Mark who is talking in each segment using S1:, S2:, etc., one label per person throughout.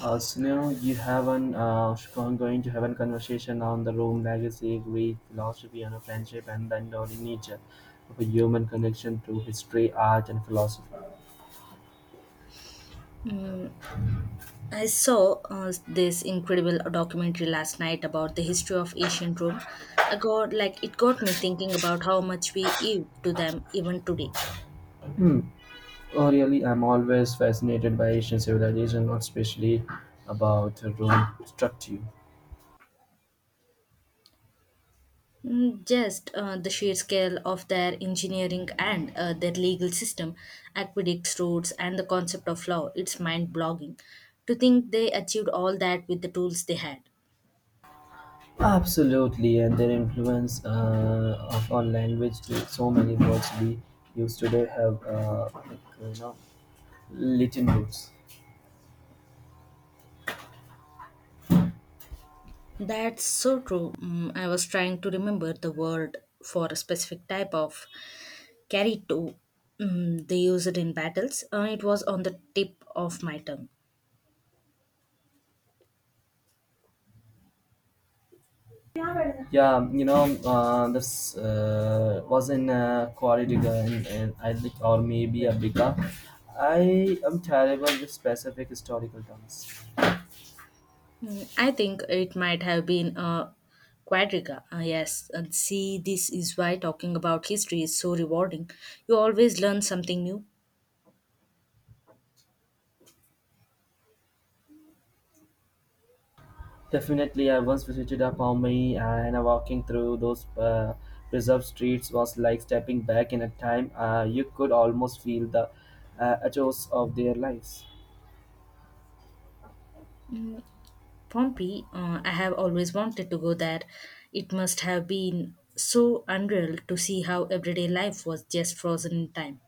S1: So now you have an con- going to have a conversation on the Rome legacy, Greek philosophy, and friendship, and the enduring nature of a human connection to history, art, and philosophy.
S2: I saw this incredible documentary last night about the history of ancient Rome. I got like It got me thinking about how much we owe to them even today.
S1: Oh, really, I'm always fascinated by Asian civilization, not especially about Rome structure.
S2: Mm, just the sheer scale of their engineering and their legal system, aqueducts, roads, and the concept of law. It's mind-blogging to think they achieved all that with the tools they had.
S1: Absolutely, and their influence of our language to so many words we use today have Latin roots.
S2: That's so true. Mm, I was trying to remember the word for a specific type of carry too. Mm, they use it in battles. It was on the tip of my tongue.
S1: Yeah, this was in Quaridga in I think, or maybe Abrica. I am terrible with specific historical terms.
S2: Mm, I think it might have been a quadriga. Yes, see, this is why talking about history is so rewarding. You always learn something new.
S1: Definitely, I once visited a Pompeii and walking through those preserved streets was like stepping back in a time. You could almost feel the echoes of their lives.
S2: Pompeii, I have always wanted to go there. It must have been so unreal to see how everyday life was just frozen in time.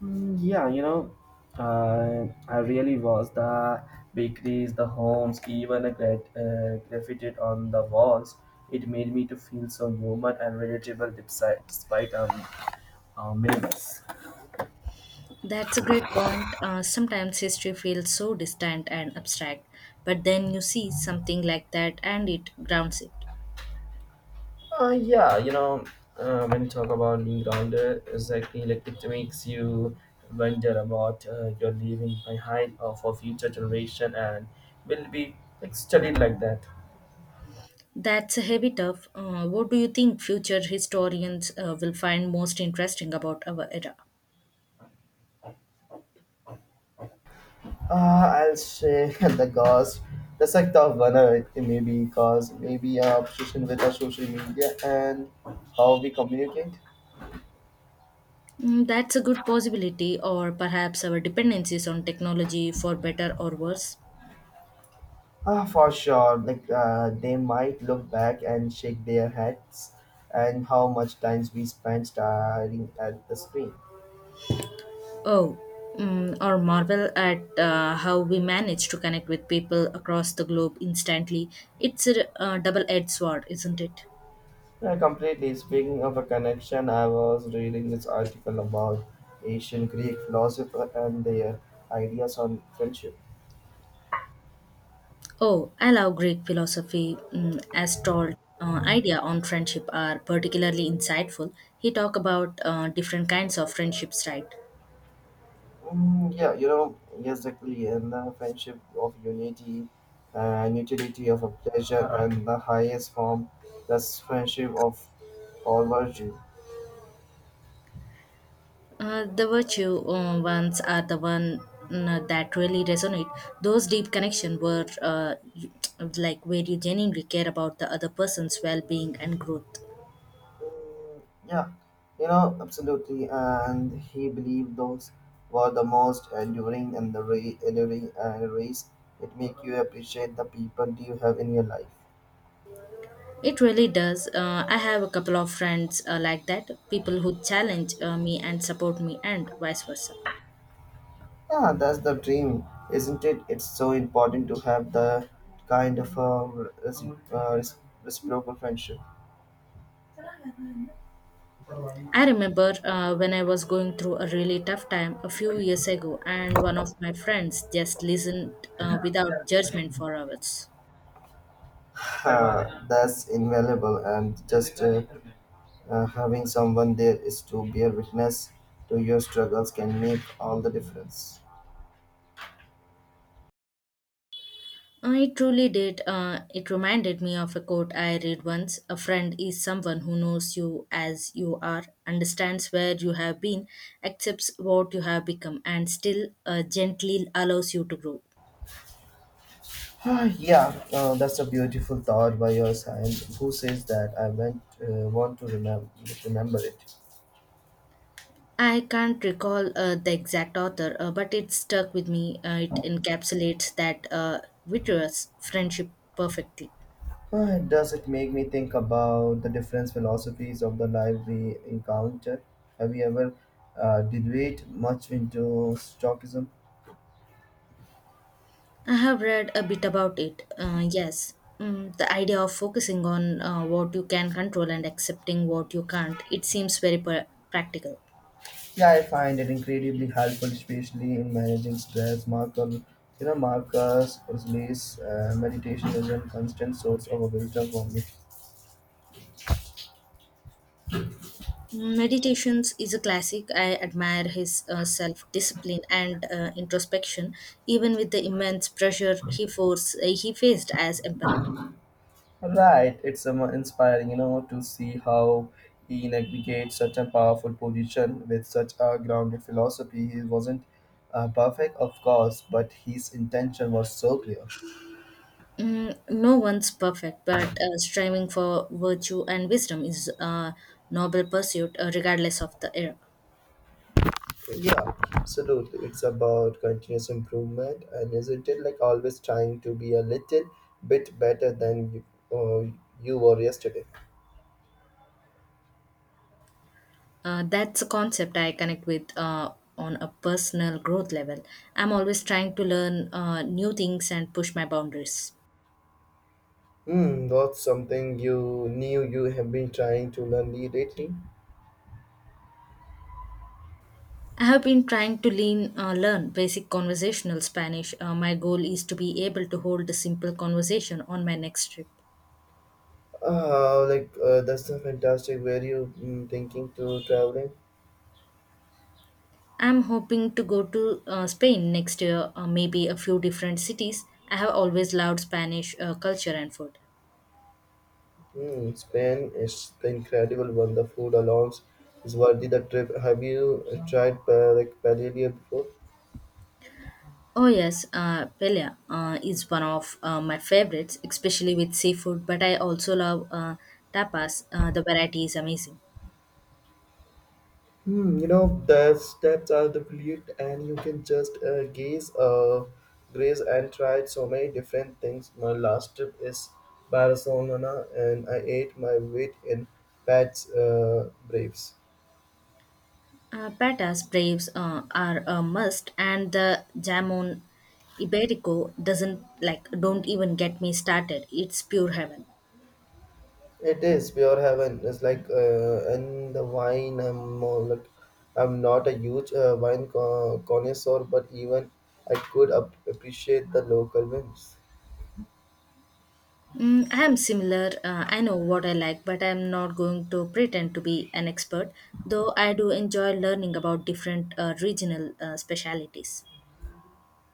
S1: Yeah, I really was. The bakeries, the homes, even graffiti on the walls. It made me to feel so human and relatable despite our minimals.
S2: That's a great point. Sometimes history feels so distant and abstract, but then you see something like that and it grounds it.
S1: Yeah, when you talk about being grounded, exactly like it makes you wonder about your leaving behind or for future generation and will be like studied like that.
S2: That's a heavy tough. What do you think future historians will find most interesting about our era?
S1: I'll say the cause. That's like the vulnerability maybe, cause, maybe our obsession with our social media and how we communicate.
S2: Mm, that's a good possibility, or perhaps our dependencies on technology for better or worse.
S1: Ah, for sure. Like they might look back and shake their heads, and how much times we spend staring at the screen.
S2: Oh, mm, or marvel at how we manage to connect with people across the globe instantly. It's a double edged sword, isn't it?
S1: Yeah, completely. Speaking of a connection, I was reading this article about ancient Greek philosopher and their ideas on friendship.
S2: Oh, I love Greek philosophy, mm, as told. Idea on friendship are particularly insightful. He talk about different kinds of friendships, right?
S1: Yeah, yes, exactly. And the friendship of unity and utility of a pleasure and the highest form, that's friendship of all virtue.
S2: The virtue ones are the one, mm, that really resonate. Those deep connection were like where you genuinely care about the other person's well-being and growth.
S1: Mm, yeah, absolutely. And he believed those were the most enduring and race. It make you appreciate the people you have in your life.
S2: It really does. I have a couple of friends like that, people who challenge me and support me, and vice versa.
S1: Yeah, that's the dream, isn't it? It's so important to have the kind of reciprocal friendship.
S2: I remember when I was going through a really tough time a few years ago, and one of my friends just listened without judgment for hours.
S1: That's invaluable, and just having someone there is to bear witness to your struggles can make all the difference.
S2: It truly did. It reminded me of a quote I read once. A friend is someone who knows you as you are, understands where you have been, accepts what you have become, and still gently allows you to grow.
S1: Yeah, that's a beautiful thought by your side. Who says that? I want to remember it.
S2: I can't recall the exact author, but it stuck with me. It encapsulates that vitreous friendship perfectly.
S1: Ah, does it make me think about the different philosophies of the life we encounter? Have you ever delved much into Stoicism?
S2: I have read a bit about it. Yes, mm, the idea of focusing on what you can control and accepting what you can't. It seems very practical.
S1: Yeah, I find it incredibly helpful, especially in managing stress. Marcus Aurelius' meditation is a constant source of wisdom for me.
S2: Meditations is a classic. I admire his self discipline and introspection, even with the immense pressure he faced as emperor.
S1: Right, it's inspiring, you know, to see how he navigates such a powerful position with such a grounded philosophy. He wasn't perfect, of course, but his intention was so clear.
S2: Mm, no one's perfect, but striving for virtue and wisdom is a noble pursuit, regardless of the era.
S1: Yeah, absolutely. It's about continuous improvement, and isn't it like always trying to be a little bit better than uh, you were yesterday?
S2: That's a concept I connect with on a personal growth level. I'm always trying to learn new things and push my boundaries.
S1: Hmm, what's something you knew you have been trying to learn lately?
S2: I have been trying to learn basic conversational Spanish. My goal is to be able to hold a simple conversation on my next trip.
S1: That's a fantastic. Where you thinking to traveling?
S2: I'm hoping to go to Spain next year, maybe a few different cities. I have always loved Spanish culture and food.
S1: Hmm, Spain is the incredible one. The food alone is worthy the trip. Have you tried like paella before?
S2: Oh yes, paella is one of my favorites, especially with seafood. But I also love tapas. The variety is amazing.
S1: Hmm, you know the steps are the plate, and you can just graze, and try so many different things. My last trip is Barcelona, and I ate my weight in Pat's Braves.
S2: Patas braves are a must, and the jamon iberico doesn't like don't even get me started. It's pure heaven.
S1: It is pure heaven. It's like and the wine. I'm more like I'm not a huge connoisseur, but even I could appreciate the local wines.
S2: Mm, I am similar. I know what I like, but I am not going to pretend to be an expert, though I do enjoy learning about different regional specialities.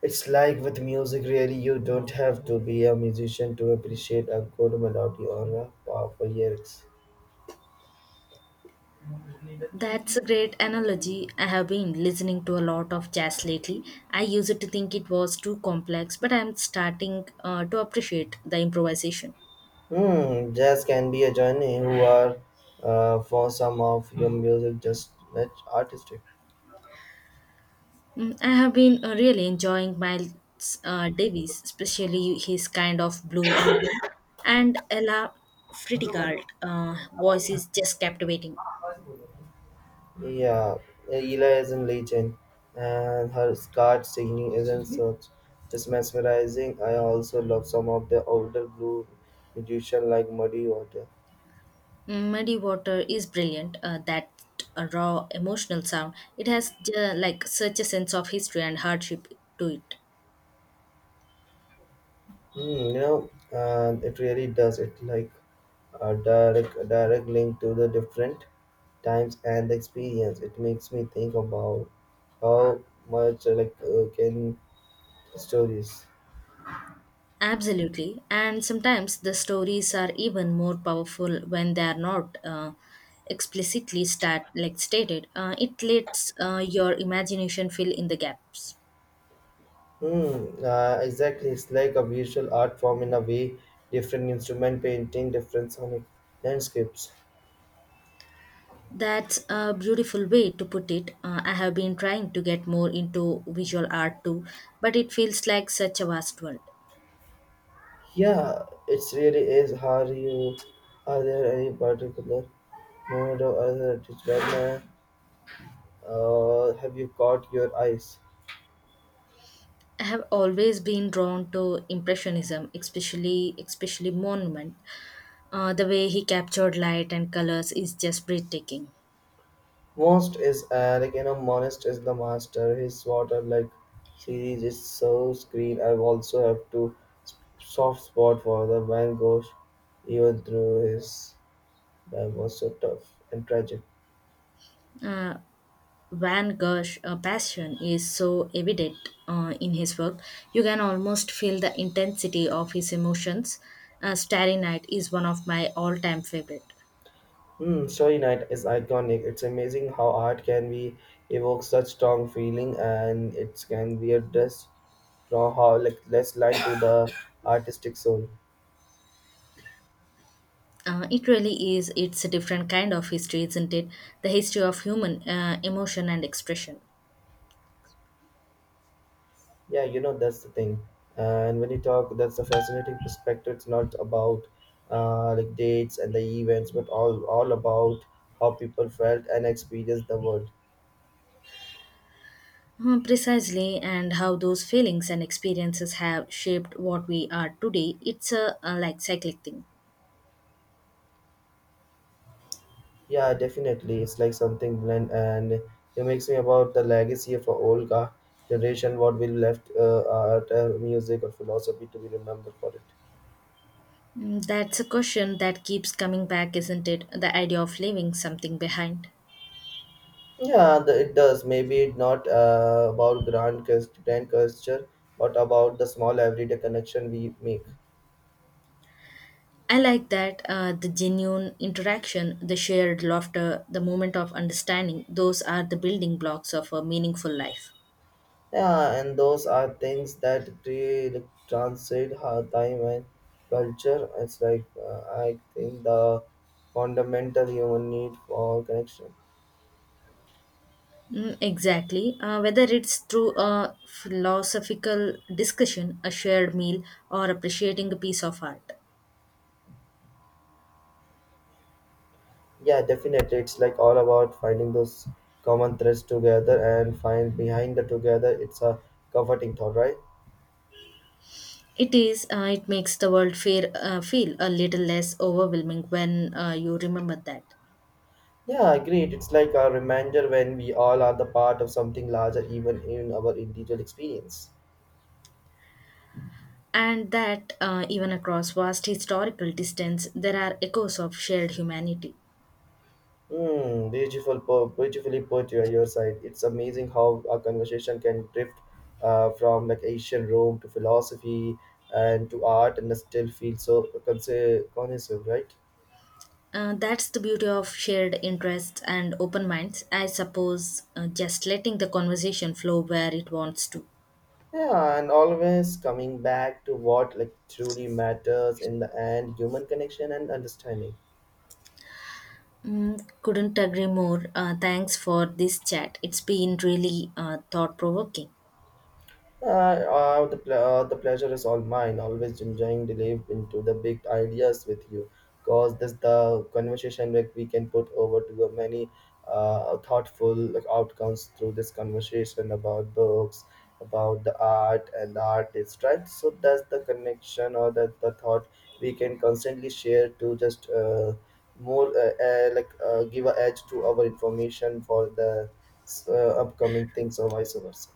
S1: It's like with music, really, you don't have to be a musician to appreciate a good melody or a powerful lyrics.
S2: That's a great analogy. I have been listening to a lot of jazz lately. I used to think it was too complex, but I am starting to appreciate the improvisation.
S1: Hmm, jazz can be a journey. Who are for some of your music just not artistic.
S2: Mm, I have been really enjoying Miles Davis, especially his kind of blue album, and Ella Fitzgerald voice is just captivating.
S1: Yeah, Ela is in Legion, and her scarred singing isn't such just mesmerizing. I also love some of the older blue musician like Muddy Water.
S2: Mm, Muddy Water is brilliant. That raw emotional sound. It has like such a sense of history and hardship to it.
S1: Hmm, you know, and it really does it like a direct link to the different times and experience. It makes me think about how much can stories.
S2: Absolutely. And sometimes the stories are even more powerful when they are not explicitly like stated. It lets your imagination fill in the gaps.
S1: Exactly. It's like a visual art form in a way, different instrument painting, different sonic landscapes.
S2: That's a beautiful way to put it. I have been trying to get more into visual art too, but it feels like such a vast world.
S1: Yeah, it's really is. How do you? Are there any particular moment or other designer? Have you caught your eyes?
S2: I have always been drawn to impressionism, especially monument. The way he captured light and colors is just breathtaking.
S1: Most is Monist is the master. His water like series is so screen. I also have to soft spot for the Van Gogh, even through his. That was so tough and tragic.
S2: Uh, Van Gogh's passion is so evident in his work. You can almost feel the intensity of his emotions. Starry Night is one of my all time favorite.
S1: Hmm, Story Night is iconic. It's amazing how art can be evoke such strong feeling, and it can be a just draw how like less line to the artistic soul.
S2: It really is. It's a different kind of history, isn't it? The history of human emotion and expression.
S1: Yeah, you know that's the thing. And when you talk, that's a fascinating perspective. It's not about dates and the events, but all about how people felt and experienced the world.
S2: Precisely, and how those feelings and experiences have shaped what we are today. It's a like cyclic thing.
S1: Yeah, definitely. It's like something blend, and it makes me about the legacy of our generation, what we left art, music, or philosophy to be remembered for it.
S2: Mm, that's a question that keeps coming back, isn't it? The idea of leaving something behind.
S1: Yeah, it does. Maybe it not about grand gesture, but about the small everyday connection we make.
S2: I like that, the genuine interaction, the shared laughter, the moment of understanding, those are the building blocks of a meaningful life.
S1: Yeah, and those are things that really translate our time and culture. It's like I think the fundamental human need for connection.
S2: Mm, exactly. Whether it's through a philosophical discussion, a shared meal, or appreciating a piece of art.
S1: Yeah, definitely. It's like all about finding those common threads together and find behind the together. It's a comforting thought, right?
S2: It is. It makes the world fair, feel a little less overwhelming when you remember that.
S1: Yeah, agreed. It's like a reminder when we all are the part of something larger, even in our individual experience.
S2: And that, even across vast historical distance, there are echoes of shared humanity.
S1: Beautifully put your side. It's amazing how a conversation can drift from like ancient Rome to philosophy and to art and still feel so cohesive, right?
S2: That's the beauty of shared interests and open minds, I suppose, just letting the conversation flow where it wants to.
S1: Yeah, and always coming back to what like truly matters in the end, human connection and understanding.
S2: Mm, couldn't agree more. Thanks for this chat. It's been really thought provoking.
S1: The pleasure is all mine. Always enjoying the live into the big ideas with you. Cause this the conversation that we can put over to a many thoughtful like, outcomes through this conversation about books, about the art and the artist, right? So that's the connection or that the thought we can constantly share to just more like give a edge to our information for the upcoming things or vice versa.